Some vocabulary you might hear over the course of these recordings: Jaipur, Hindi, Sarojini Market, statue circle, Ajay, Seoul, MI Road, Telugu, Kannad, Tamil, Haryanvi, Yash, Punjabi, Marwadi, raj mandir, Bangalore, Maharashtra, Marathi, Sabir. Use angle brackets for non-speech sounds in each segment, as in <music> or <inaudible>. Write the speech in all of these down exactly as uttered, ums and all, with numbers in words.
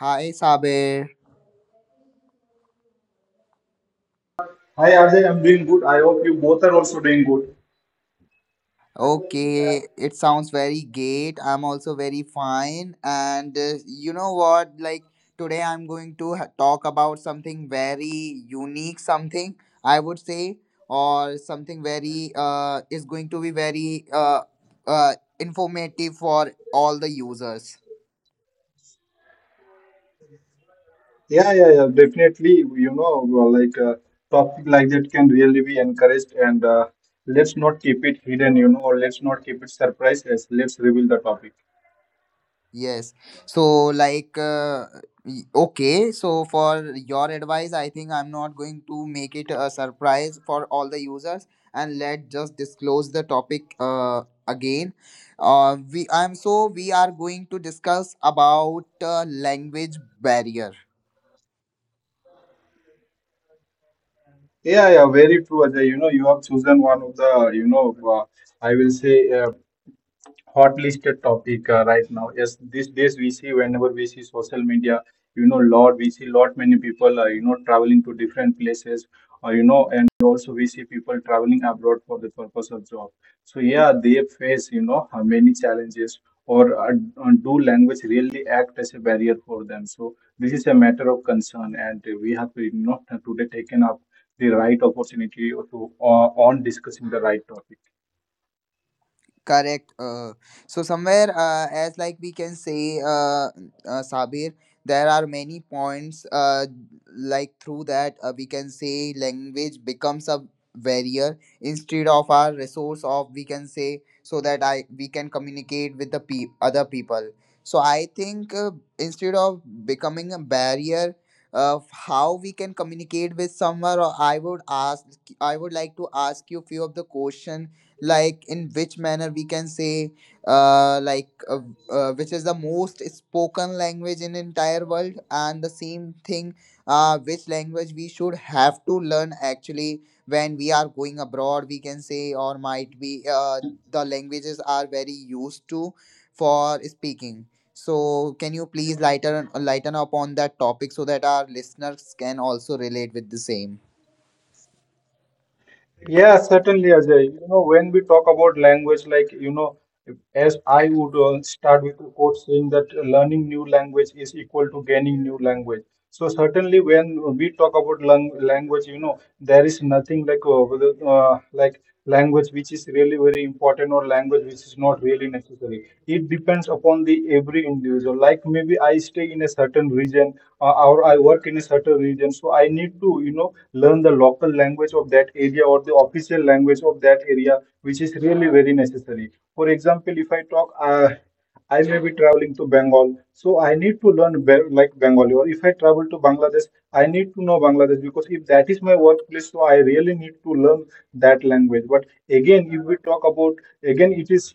Hi Sabir. Hi Ajay, I'm doing good. I hope you both are also doing good. Okay, it sounds very great. I'm also very fine. And uh, you know what? Like today, I'm going to ha- talk about something very unique, something I would say, or something very uh is going to be very uh uh informative for all the users. Yeah, yeah, yeah, definitely. You know, well, like uh, Topic like that can really be encouraged, and uh, let's not keep it hidden. You know, or let's not keep it surprises. Let's reveal the topic. Yes. So, like, uh, y- okay. So, for your advice, I think I'm not going to make it a surprise for all the users and let just disclose the topic uh, again. Uh, we I'm so we are going to discuss about uh, language barrier. Yeah, yeah, very true, Ajay. You know, you have chosen one of the, you know, uh, I will say, Uh, hot listed topic uh, right now. Yes, these days we see whenever we see social media, you know, lot we see lot many people, uh, you know, traveling to different places, uh, you know, and also we see people traveling abroad for the purpose of job. So yeah, they face you know uh, many challenges, or uh, uh, do language really act as a barrier for them? So this is a matter of concern, and uh, we have to you know today taken up the right opportunity to uh, on discussing the right topic. Correct. Uh, so somewhere, uh, as like we can say, uh, uh, Sabir, there are many points. Uh, like through that, uh, we can say language becomes a barrier instead of our resource of we can say so that I we can communicate with the pe- other people. So I think uh, instead of becoming a barrier of how we can communicate with someone, or I would ask, I would like to ask you few of the question like in which manner we can say uh, like uh, uh, which is the most spoken language in entire world, and the same thing uh, which language we should have to learn actually when we are going abroad, we can say, or might be uh, the languages are very used to for speaking? So can you please lighten lighten up on that topic so that our listeners can also relate with the same? Yeah, certainly, Ajay. You know, when we talk about language, like, you know, as I would uh, start with the quote saying that learning new language is equal to gaining new language. So certainly, when we talk about lang language, you know, there is nothing like uh, whether, uh, like language which is really very important or language which is not really necessary. It depends upon the every individual. Like maybe I stay in a certain region uh, or I work in a certain region, so I need to you know learn the local language of that area or the official language of that area, which is really very necessary. For example, if I talk. Uh, I may be traveling to Bengal, so I need to learn Be- like Bengali. Or if I travel to Bangladesh, I need to know Bangladesh because if that is my workplace, so I really need to learn that language. But again, if we talk about again, it is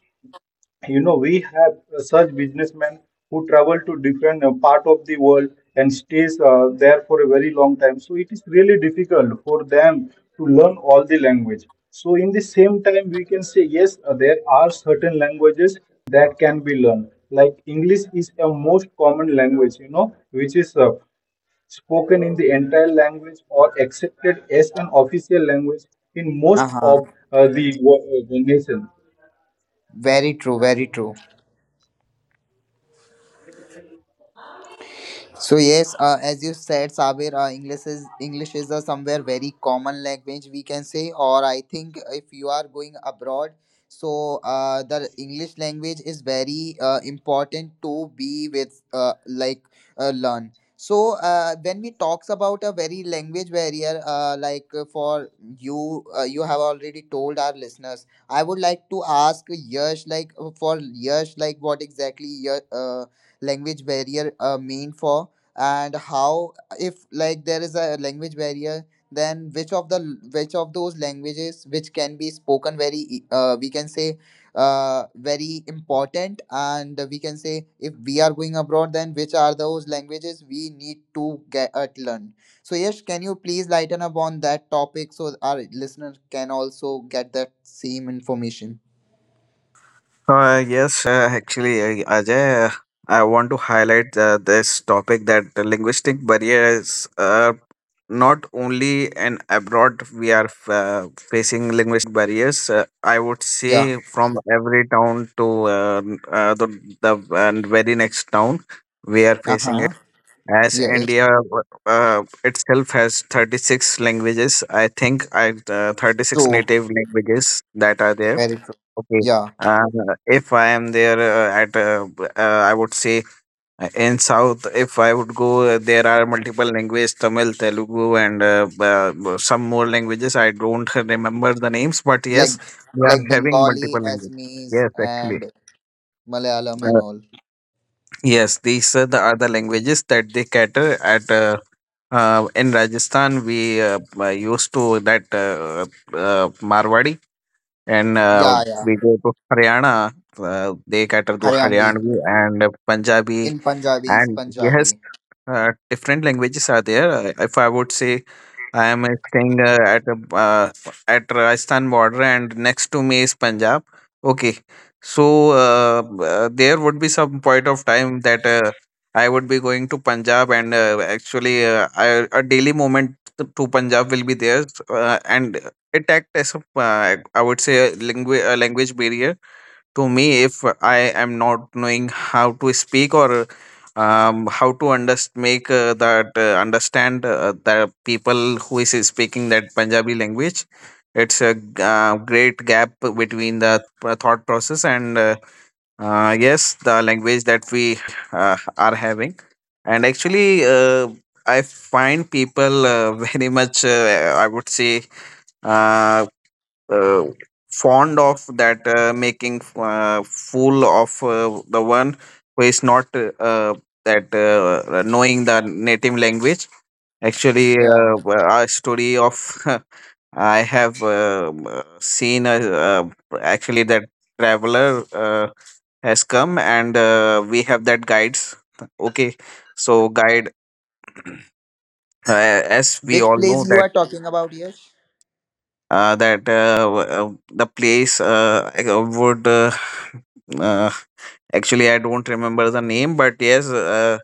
you know we have uh, such businessmen who travel to different uh, part of the world and stays uh, there for a very long time, so it is really difficult for them to learn all the language. So in the same time we can say yes, uh, there are certain languages that can be learned, like English is a most common language, you know, which is uh, spoken in the entire language or accepted as an official language in most of Uh-huh. uh, the wo- uh, the nation. Very true, very true. So yes, uh, as you said, Sabir, uh, English is English is a somewhere very common language we can say, or I think if you are going abroad, so uh, the English language is very uh, important to be with uh, like uh, learn. So uh, when we talks about a very language barrier, uh, like uh, for you, uh, you have already told our listeners. I would like to ask Yash, like uh, for Yash, like what exactly your uh, language barrier uh, mean for? And how, if like there is a language barrier, then which of the which of those languages which can be spoken very e- uh, we can say uh, very important, and we can say if we are going abroad, then which are those languages we need to get uh, learn? So yes, can you please lighten up on that topic so our listeners can also get that same information? Uh, yes, uh, actually, uh, Ajay, uh, I want to highlight uh, this topic that the linguistic barriers are not only in abroad we are uh, facing linguistic barriers. Uh, I would Yeah. say from every town to uh, n- uh, the the and very next town we are facing Uh-huh. it. As Yeah, it's India w- uh, itself has thirty-six languages. I think I uh, thirty-six true, native languages that are there. very true. Okay. Yeah. And Uh, if I am there uh, at, uh, b- uh, I would say uh, in South, if I would go, uh, there are multiple languages, Tamil, Telugu, and uh, b- uh, b- some more languages. I don't remember the names, but yes, like we like are having Bengali, multiple languages. Assamese, Yes, actually. and Malayalam and Uh, all. yes, these are the other languages that they cater at. Uh, uh, in Rajasthan, we uh, uh, used to that uh, uh, Marwadi. And uh, Yeah, yeah. we go to Haryana. Uh, they cater to Haryanvi. Haryanvi and Punjabi, In Punjabi is and yes, Punjabi. uh, different languages are there. Uh, If I would say I am uh, staying uh, at a, uh, at Rajasthan border and next to me is Punjab. Okay, so uh, uh, there would be some point of time that uh, I would be going to Punjab, and uh, actually uh, I, a daily moment to to Punjab will be there, uh, and it act as a, uh, I would say a language a language barrier to me if I am not knowing how to speak or um, how to underst- make uh, that uh, understand uh, the people who is speaking that Punjabi language. It's a g- uh, great gap between the thoughts uh, thought process and uh, uh, yes, the language that we uh, are having. And actually, uh, I find people uh, <laughs> very much, uh, I would say, uh, uh, fond of that uh, making uh, fool of uh, the one who is not uh, uh, that uh, knowing the native language. Actually, Yeah. uh, a story of <laughs> I have uh, seen. A, uh, actually that traveler uh, has come, and uh, we have that guides. Okay, so guide, uh, as we Which all know place you that are talking about, Yash? uh, that uh, w- uh, the place, uh, I would uh, uh, actually, I don't remember the name, but yes, uh,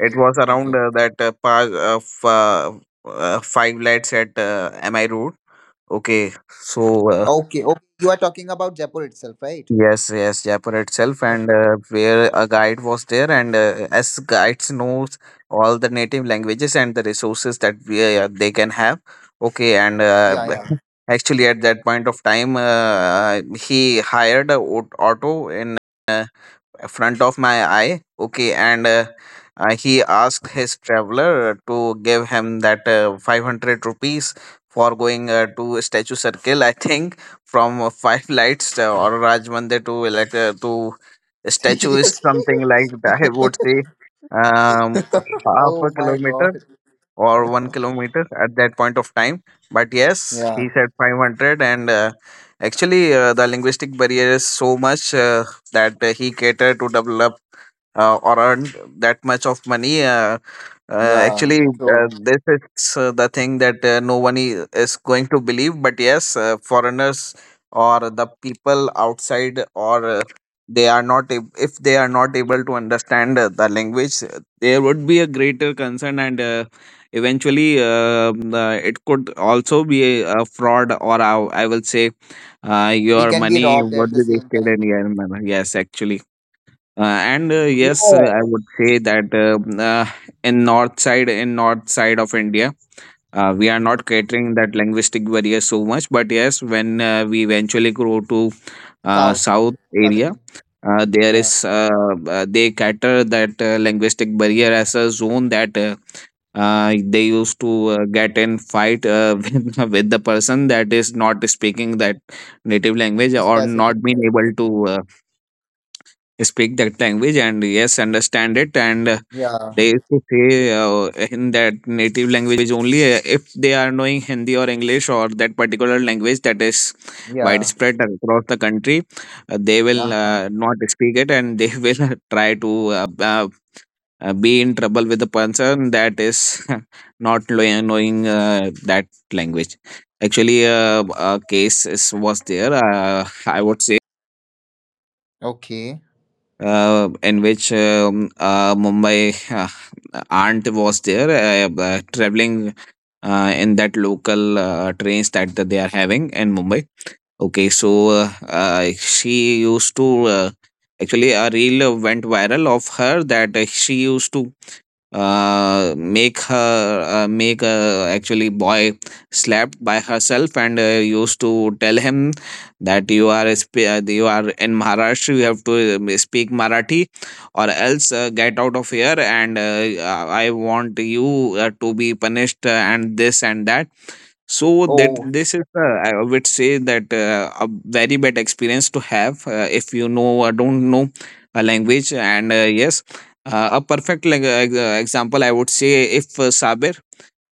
it was around okay, uh, that uh, part of uh, uh, five lights at uh, M I Road. Okay, so uh, okay, okay. You are talking about Jaipur itself, right? Yes, yes, Jaipur itself, and Okay. uh, where a guide was there, and uh, as guides knows all the native languages and the resources that we, uh, they can have. Okay, and uh, Yeah, yeah. <laughs> actually at that point of time, uh, he hired a au- auto in uh, front of my eye. Okay, and uh, uh, he asked his traveler to give him that uh, five hundred rupees for going uh, to statue circle. I think from uh, five lights uh, or Raj Mandir to like uh, to <laughs> statue, is something like that. I Seriously? would say um <laughs> half a Oh my kilometer god. or one kilometer at that point of time. But yes, Yeah, he said five hundred, and uh, actually, uh, the linguistic barrier is so much uh, that uh, he catered to develop uh, or earn that much of money. Uh, uh, yeah. actually, True. uh, this is uh, the thing that uh, no one i- is going to believe. But yes, uh, foreigners or the people outside, or uh, they are not ab- if they are not able to understand uh, the language, uh, there would be a greater concern, and uh, eventually, um, uh, the, it could also be a, a fraud, or I, I will say, uh, We your can be money robbed would at the be same wasted time. in your manner. Yes, actually. Uh, and uh, Yeah, yes, uh, I would say that uh, uh, in north side, in north side of India, uh, we are Hmm. not catering that linguistic barrier so much. But yes, when uh, we eventually go to uh, South, south area, southern. uh, there Yeah. is uh, uh, they cater that uh, linguistic barrier as a zone, that uh, uh, they used to uh, get in fight uh, <laughs> with, with the person that is not speaking that native language or Specific not being able language. to uh, speak that language and yes understand it. And uh, Yeah, they used to say uh, in that native language only. Uh, if they are knowing Hindi or English or that particular language that is yeah. widespread across the country, uh, they will Uh-huh. uh, not speak it, and they <laughs> will try to uh, uh, uh, be in trouble with the person that is <laughs> not lo- knowing uh, that language. Actually, uh, a case is, was there. Uh, i would say, Okay. uh, in which um, uh, Mumbai uh, aunt was there, uh, uh, traveling uh, in that local uh, trains that that they are having in Mumbai. Okay, so uh, uh, she used to, uh, actually a reel uh, went viral of her, that uh, she used to uh, make her uh, make uh, actually boy slapped by herself, and uh, used to tell him that you are a sp- uh, you are in Maharashtra, you have to um, speak Marathi or else uh, get out of here, and uh, uh, I want you uh, to be punished, uh, and this and that. So that Oh, this is, uh, I would say that uh, a very bad experience to have, uh, if you know or don't know a language. And uh, yes, uh, a perfect, like, uh, ex- uh, example, I would say. If uh, Sabir,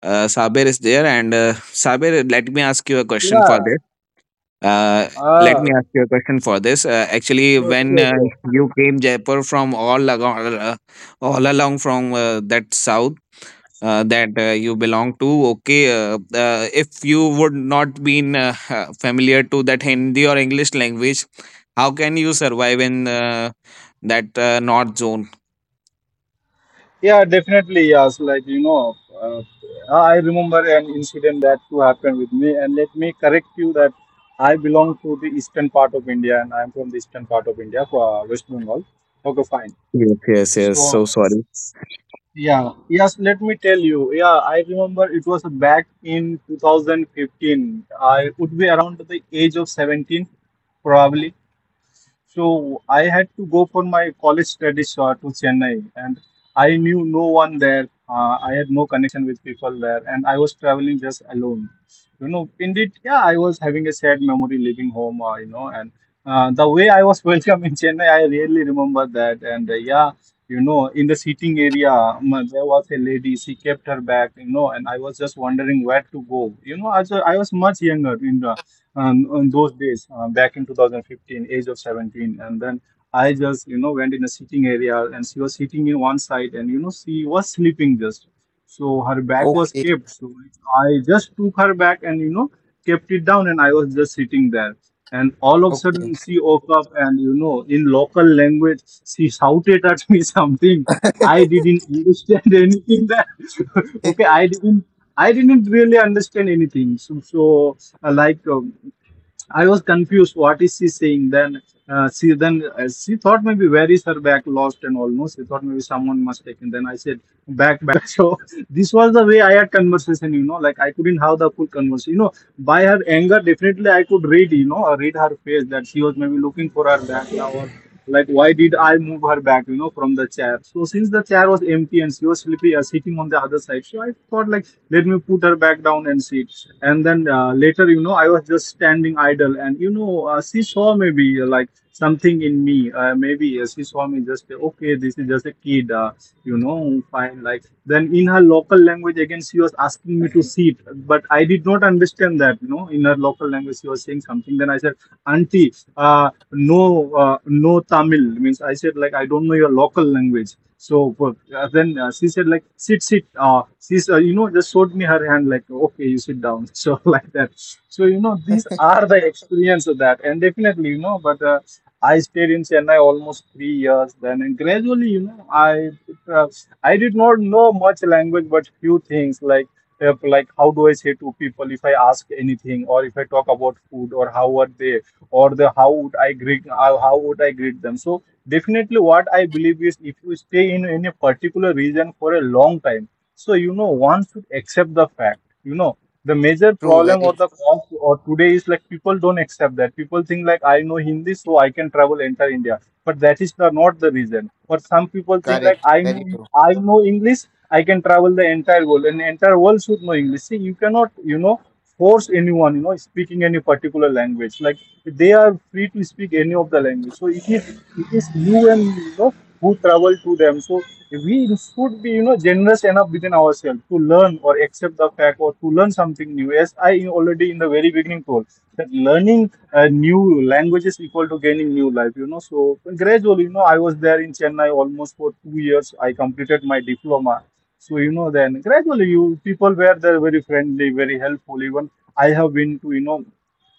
uh, Sabir is there, and uh, Sabir, let me ask you a question for yeah. this. Uh, let Ah, me ask you a question for this. Uh, actually, sure, when sure, uh, sure. you came Jaipur from all along, uh, all along from uh, that south uh, that uh, you belong to. Okay, uh, uh, if you would not been uh, <laughs> familiar to that Hindi or English language, how can you survive in uh, that uh, north zone? Yeah, definitely. Yes, like you know, uh, I remember an incident that too happened with me. And let me correct you that I belong to the eastern part of India, and I'm from the eastern part of India, uh, West Bengal. Okay, fine. Yes, yes, yes. So So sorry, yeah, yes. Let me tell you. Yeah, I remember it was back in two thousand fifteen. I would be around the age of seventeen, probably. So I had to go for my college studies uh, to Chennai, and I knew no one there. Uh, I had no connection with people there, and I was traveling just alone. You know, indeed, yeah, I was having a sad memory leaving home. Uh, you know, and uh, The way I was <laughs> welcomed in Chennai, I really remember that. And uh, yeah, you know, in the seating area, um, there was a lady. She kept her bag, you know, and I was just wondering where to go. You know, as a, I was much younger. In the, um, on those days uh, back in two thousand fifteen, age of seventeen, and then I just you know went in a sitting area, and she was sitting in one side, and you know she was sleeping, just so her back was okay. kept. So I just took her back and you know kept it down, and I was just sitting there. And all of a Okay. sudden, she woke up and you know, in local language, she shouted at me <laughs> something. I <laughs> didn't understand <laughs> anything. That <laughs> okay, I didn't, I didn't really understand anything. So, so uh, like. Um, I was confused. What is she saying? Then uh, she then uh, she thought maybe where is her bag lost and all. No, she thought maybe someone must take. And then I said back back. <laughs> So this was the way I had conversation. You know, like I couldn't have the full conversation. You know, by her anger, definitely I could read. You know, uh, read her face that she was maybe looking for her bag now, or like, why did I move her back, you know, from the chair? So, since the chair was empty and she was sleepy, uh, sitting on the other side, so I thought, like, let me put her back down and sit. And then uh, later, you know, I was just standing idle, and you know, uh, she saw maybe uh, like something in me. Uh, maybe uh, she saw me just uh, okay, this is just a kid, uh, you know, fine. Like, then in her local language, again, she was asking me to sit, but I did not understand that, you know, in her local language, she was saying something. Then I said, auntie, uh, no, uh, no Tamil. Means I said like I don't know your local language. So uh, then uh, she said like sit, sit. Uh, she's uh, you know just showed me her hand like okay, you sit down. <laughs> So like that. So you know these are the experience of that, and definitely you know. But uh, I stayed in Chennai almost three years. Then and gradually, you know, I uh, I did not know much language, but few things like uh, like how do I say to people if I ask anything, or if I talk about food, or how are they, or the how would I greet how how would I greet them. So definitely, what I believe is if you stay in any particular region for a long time, so you know one should accept the fact, you know the major True, problem very or true. the cause or today is like people don't accept that, people think like I know Hindi so I can travel entire India, but that is the, not the reason. Or some people think like Correct. i Very know true. I know English, I can travel the entire world and entire world should know English. See, you cannot you know force anyone, you know, speaking any particular language. Like they are free to speak any of the language. So it is it is you and you know who travel to them. So we should be you know generous enough within ourselves to learn or accept the fact or to learn something new. As I already in the very beginning told that learning a new language is equal to gaining new life. You know, so gradually you know I was there in Chennai almost for two years. I completed my diploma, so you know, then gradually you people were there very friendly, very helpful. Even I have been to you know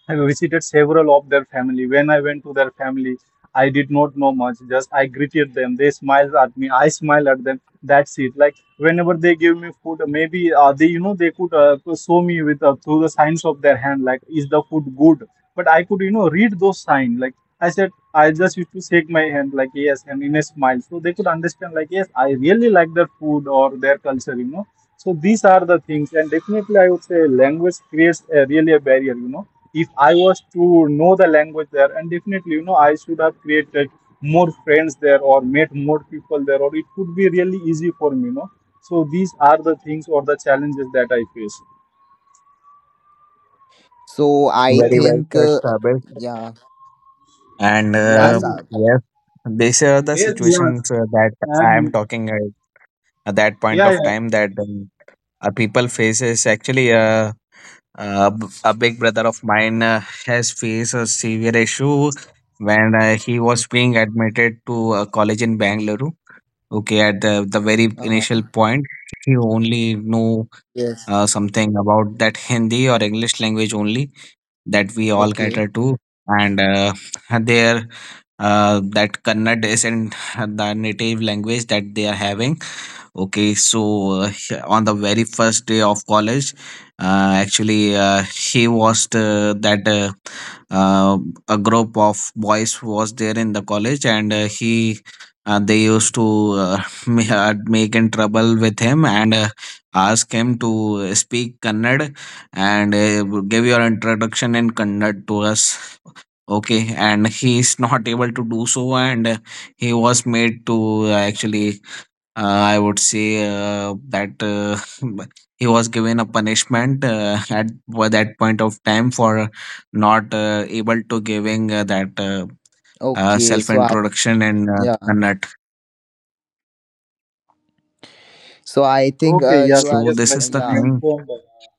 I visited several of their family. When I went to their family, I did not know much. Just I greeted them. They smiled at me. I smiled at them. That's it. Like whenever they give me food, maybe uh, they, you know, they could uh, show me with uh, through the signs of their hand, like is the food good? But I could, you know, read those signs. Like I said, I just used to shake my hand like yes, and in a smile. So they could understand like yes, I really like their food or their culture, you know. So these are the things, and definitely I would say language creates a, really a barrier, you know. If I was to know the language there, and definitely, you know, I should have created more friends there or met more people there, or it could be really easy for me, you know. So these are the things or the challenges that I face. So I Yes. very well think said, uh, Sabir. yeah. And I Yeah, uh, sir. yes, these are the Yes. Yeah, situations uh, that I am and talking uh, at that point yeah, of time yeah. that um, uh, people faces actually. Uh, Uh, b- a big brother of mine uh, has faced a severe issue when uh, he was being admitted to a college in Bangalore. Okay, at the, the very initial Uh-huh. point, he only knew Yes. uh, something about that Hindi or English language only, that we all Okay. cater to. And uh, <laughs> there, uh, that Kannad isn't <laughs> the native language that they are having. Okay, so uh, <laughs> he- on the very first day of college, uh, actually, uh, he was the, that uh, uh, a group of boys who was there in the college, and uh, he uh, they used to uh, <laughs> ma- uh, make in trouble with him, and uh, ask him to speak Kannada and uh, give your introduction in Kannada to us. Okay, and he is not able to do so, and uh, he was made to, uh, actually, uh, I would say uh, that uh, <laughs> he was given a punishment uh, <laughs> at wa- that point of time for not uh, able to giving uh, that uh, uh, Okay. self So I introduction and uh, yeah. a nut. So I think Okay, uh you yes, are So yes, s- this like is you the yeah. thing. mentioned, uh,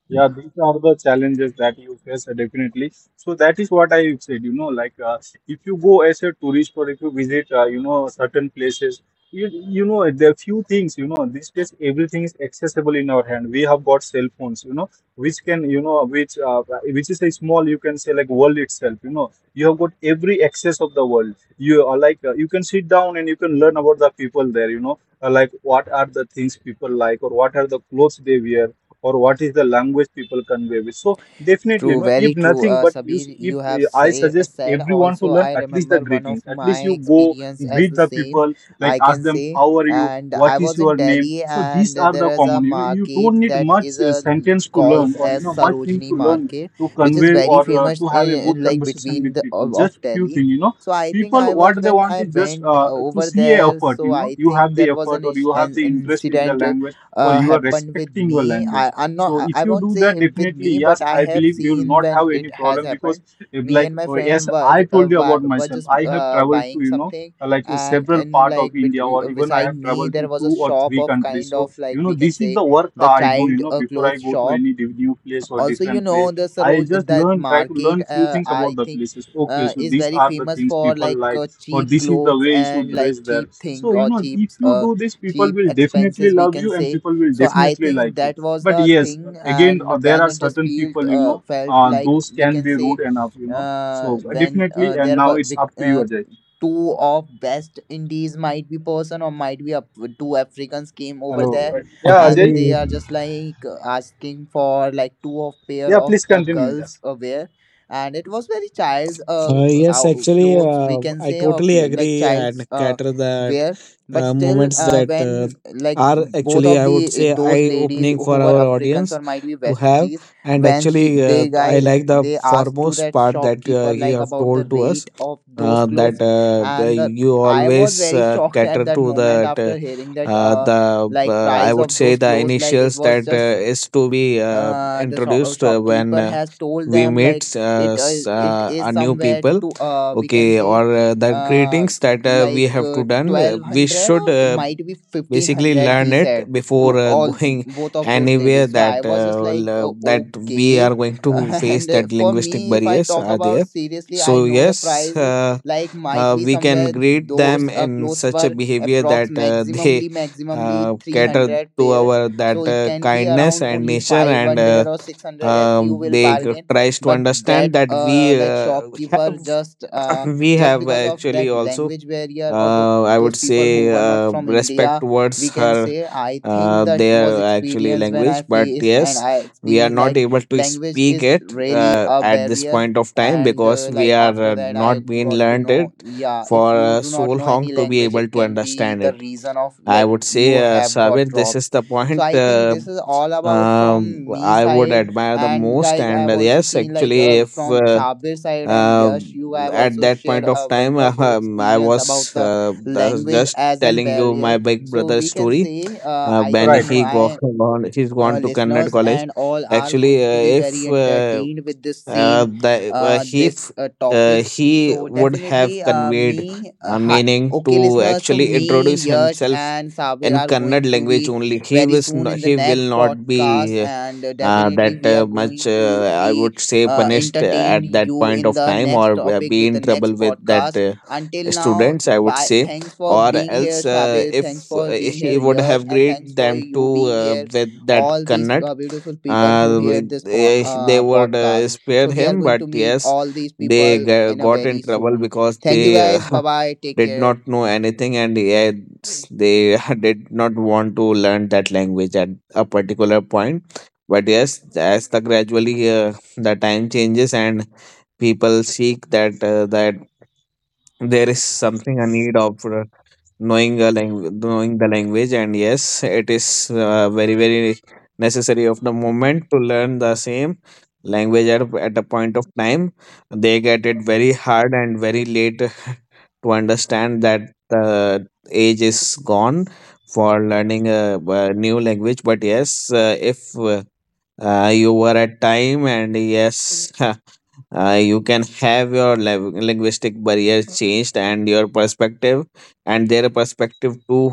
yeah, these are the challenges that you face uh, definitely. So that is what I said, you know, like uh, if you go as a tourist or if you visit, uh, you know, certain places, you, you know, there are few things, you know, these days everything is accessible in our hand. We have got cell phones, you know, which can, you know, which uh, which is a small, you can say like world itself, you know, you have got every access of the world. You are like, uh, you can sit down and you can learn about the people there, you know, uh, like what are the things people like, or what are the clothes they wear, or what is the language people convey with. So definitely, True, no, very if true. nothing, Uh, but you s- Sabir, if you have uh, I say, uh, suggest said everyone to also. learn I at least the remember one of greetings. At my least you go experience as greet the the same, people, like I ask can them say. how are you, And I what is was in your name. Delhi, So and these are there the is a common, you know, you market don't need that is much uh, a sentence to calls learn, or you as know, much thing Sarojini to learn Market, to which is convey, very or uh, famous to have a in, good in like conversation between with the people. of, of Just few Delhi. thing, you know, So I think people, I was what they when want I is just went uh, uh, to over see a there. effort, So you know. I You have think the there was effort, an, or is- you have an, the an interest in the incident language, or uh, you are happened with respecting your me. language. I I'm not So I, if I you won't do say that, with definitely, me, but yes, I I have believe you will seen not when have it any has problem. Because, happened. if Me like, and my oh yes, friend were I uh, told you wa- about were myself. just I have uh, traveled to, buying you know, something, uh, like uh, and several in part of like bet- India, uh, or even I beside have me traveled there to was a two or shop three of countries. kind of So like you know, we can this is say the work the I do. You child know, uh, before I clothes go to shop any div- new place or also. You different know place, the I Saroj, just that learn, try to to market learn few uh, things about I the think places. Okay, uh, so is these very are the famous things for people like like, uh, or cheap this is the clothes way you should and like dress there. cheap thing So you or know, cheap if you uh, do this, people cheap will definitely expenses we love can you and say. people will So I definitely think like you. that was But the yes, thing, again, uh, and there when are I just certain felt people, you uh, know, felt uh, like those we can can be say, rude enough, you know. So uh, uh, when definitely, uh, and there now were it's vic- up to you. Uh, ajay, two of best indies might be person or might be a, two africans came over hello. there Uh, yeah, Ajay, and they Actually, are just like asking for like two of pair yeah, of please uh, continue. girls Yes, uh, wear. And it was very child's uh, Uh, yes, ou- actually, clothes we uh, can I say, or totally cl- like agree and child's uh, cater that wear. But uh, still moments uh, that uh, when like are both actually, of I would the eh, say, those eye ladies opening for who were our africans audience or might be to west have. indies, And when she actually, uh, they I guys like the they asked to foremost that part that uh, shopkeeper you like have about the told to us, rate of those uh, clothes, that uh, uh, and the, you I was always very <laughs> uh, shocked at cater that to moment that. Uh, after hearing that uh, uh the like uh, I price would of say those the clothes. Like it initials was that uh, just is to be uh, uh, the shop, uh, introduced uh, when shopkeeper uh, has told we them like meet, uh, it uh, s- it uh, our is new somewhere people. to uh we can Okay, say or uh, the uh greetings that uh, we like have uh, to done, uh, we twelve hundred should or uh, might be basically fifteen hundred, learn he it said to before uh, <laughs> all going both of those anywhere ladies. So I that was uh, just like, will, uh, oh, that we okay. are going <laughs> to face. And uh, That for linguistic me, if I barriers talk are about there, seriously, I so know the yes, price uh, like might uh, be we can somewhere grade them those uh, in clothes such a were behavior approx that uh, <laughs> they maximumly maximumly uh, cater three hundred to pairs, our so that it uh, can be kindness around and only nature, and uh, five hundred or six hundred if you um, will they bargain. tries to But understand that that uh, we like uh, <laughs> shopkeeper have just uh, <coughs> we just have because of actually that also language barrier, or the, uh, I those would people who say were not uh, from respect india towards we can her say, I think uh, that was their actually experience when I language. But face and yes, I we are experienced not like able to language speak is it really uh, a at this barrier. point of time And because uh, we like are after uh, that I not being got to learned it know, yeah, if for you uh, do not so know any long to be language, able it to can be understand the it. reason of I like would say, you uh, have got Sabir, this robbed. is the So point I think Uh, this is all about um from me I would side, admire the and most. guys, I And have uh, also yes, seen like actually, uh, if from uh, Sabir side, and uh, Yash, you have at also that shared point of a time <laughs> wonderful um, I experience about was the uh, thus- language just as a telling you barrier. my big So brother we can story, say uh, uh, I when think right. he go, my <laughs> gone he's uh, gone to Kannad listeners college. and all are Actually, going to be uh, very if uh, entertained with this uh, same the, uh, uh, he this f- uh, uh, topic. he So would have definitely uh, conveyed me uh, a hi meaning okay to listeners, so actually me, introduce Yash himself and Sabir in are going Kannad to language be only, he very was, soon no, in the he will next not podcast, be uh, and uh, uh, definitely that we uh, are going much, to Uh, I be would say, uh, punished entertained at that you point in of the time next or uh, topic be with the in next trouble with that. podcast. Uh, Until now, students I would bye. say, Thanks for or being here, else uh, Sabir, thanks if uh, for being here, he would Yash, have and thanks grade for them you to, being uh, here with that all these Kannad, uh, beautiful people who uh, hear with- this po- eh, they uh, would uh, podcast. spare So we are him, going but to meet yes, all these they people g- in a got in very trouble soon. because they Thank you uh, guys. Bye bye. <laughs> Take did not care. know anything, and yes, they <laughs> did not want to learn that language at a particular point. But yes, as the gradually uh, the time changes and people seek that uh, that there is something, a need of uh, knowing a language knowing the language, and yes, it is uh, very very necessary of the moment to learn the same language. At, at a point of time, they get it very hard and very late <laughs> to understand that the age is gone for learning a, uh new language. But yes, uh, if uh, uh, you were at time and yes <laughs> uh, you can have your lev- linguistic barriers changed, and your perspective and their perspective too,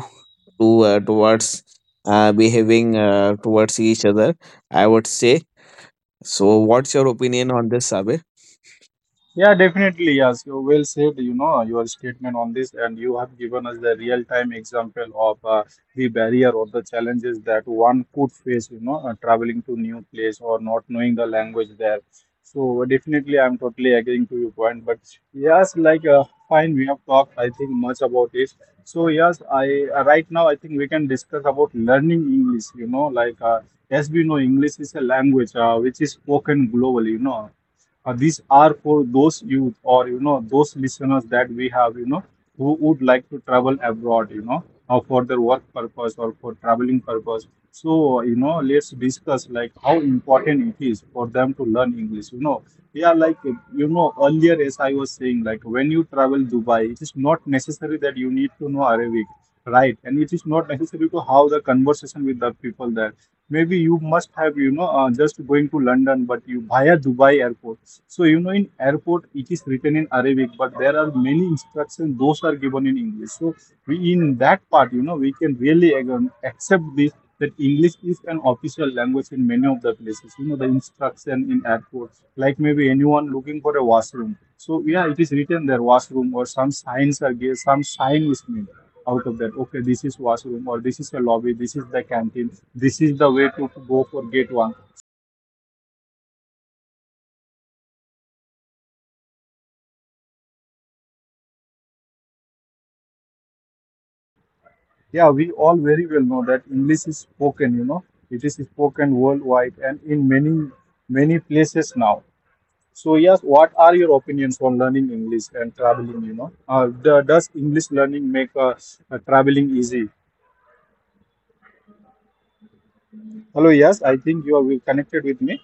to uh, towards uh, behaving uh, towards each other, I would say. So what's your opinion on this, Sabe? Yeah, definitely. Yes, you well said, you know, your statement on this, and you have given us the real-time example of uh, the barrier or the challenges that one could face, you know, uh, traveling to new place or not knowing the language there. So definitely, I'm totally agreeing to your point. But yes, like uh, fine, we have talked, I think, much about it. So yes, I uh, right now I think we can discuss about learning English. You know, like uh, as we know, English is a language uh, which is spoken globally. You know, uh, these are for those youth, or you know, those listeners that we have, you know, who would like to travel abroad, you know, uh, for their work purpose or for traveling purpose. So you know, let's discuss like how important it is for them to learn English, you know. Yeah, like you know, earlier as I was saying, like when you travel Dubai, it is not necessary that you need to know Arabic, right? And it is not <laughs> necessary to have the conversation with the people there. Maybe you must have, you know, uh, just going to London, but you via Dubai airport. So you know, in airport it is written in Arabic, but there are many instructions those are given in English. So we, in that part, you know, we can really, again, accept this, that English is an official language in many of the places. You know, the instruction in airports, like maybe anyone looking for a washroom. So yeah, it is written there, washroom, or some signs are given, some sign is made out of that, okay, this is washroom, or this is a lobby, this is the canteen, this is the way to go for gate one. Yeah, we all very well know that English is spoken, you know, it is spoken worldwide and in many, many places now. So yes, what are your opinions on learning English and traveling, you know? Uh, the, does English learning make uh, uh, traveling easy? Hello, yes, I think you are connected with me.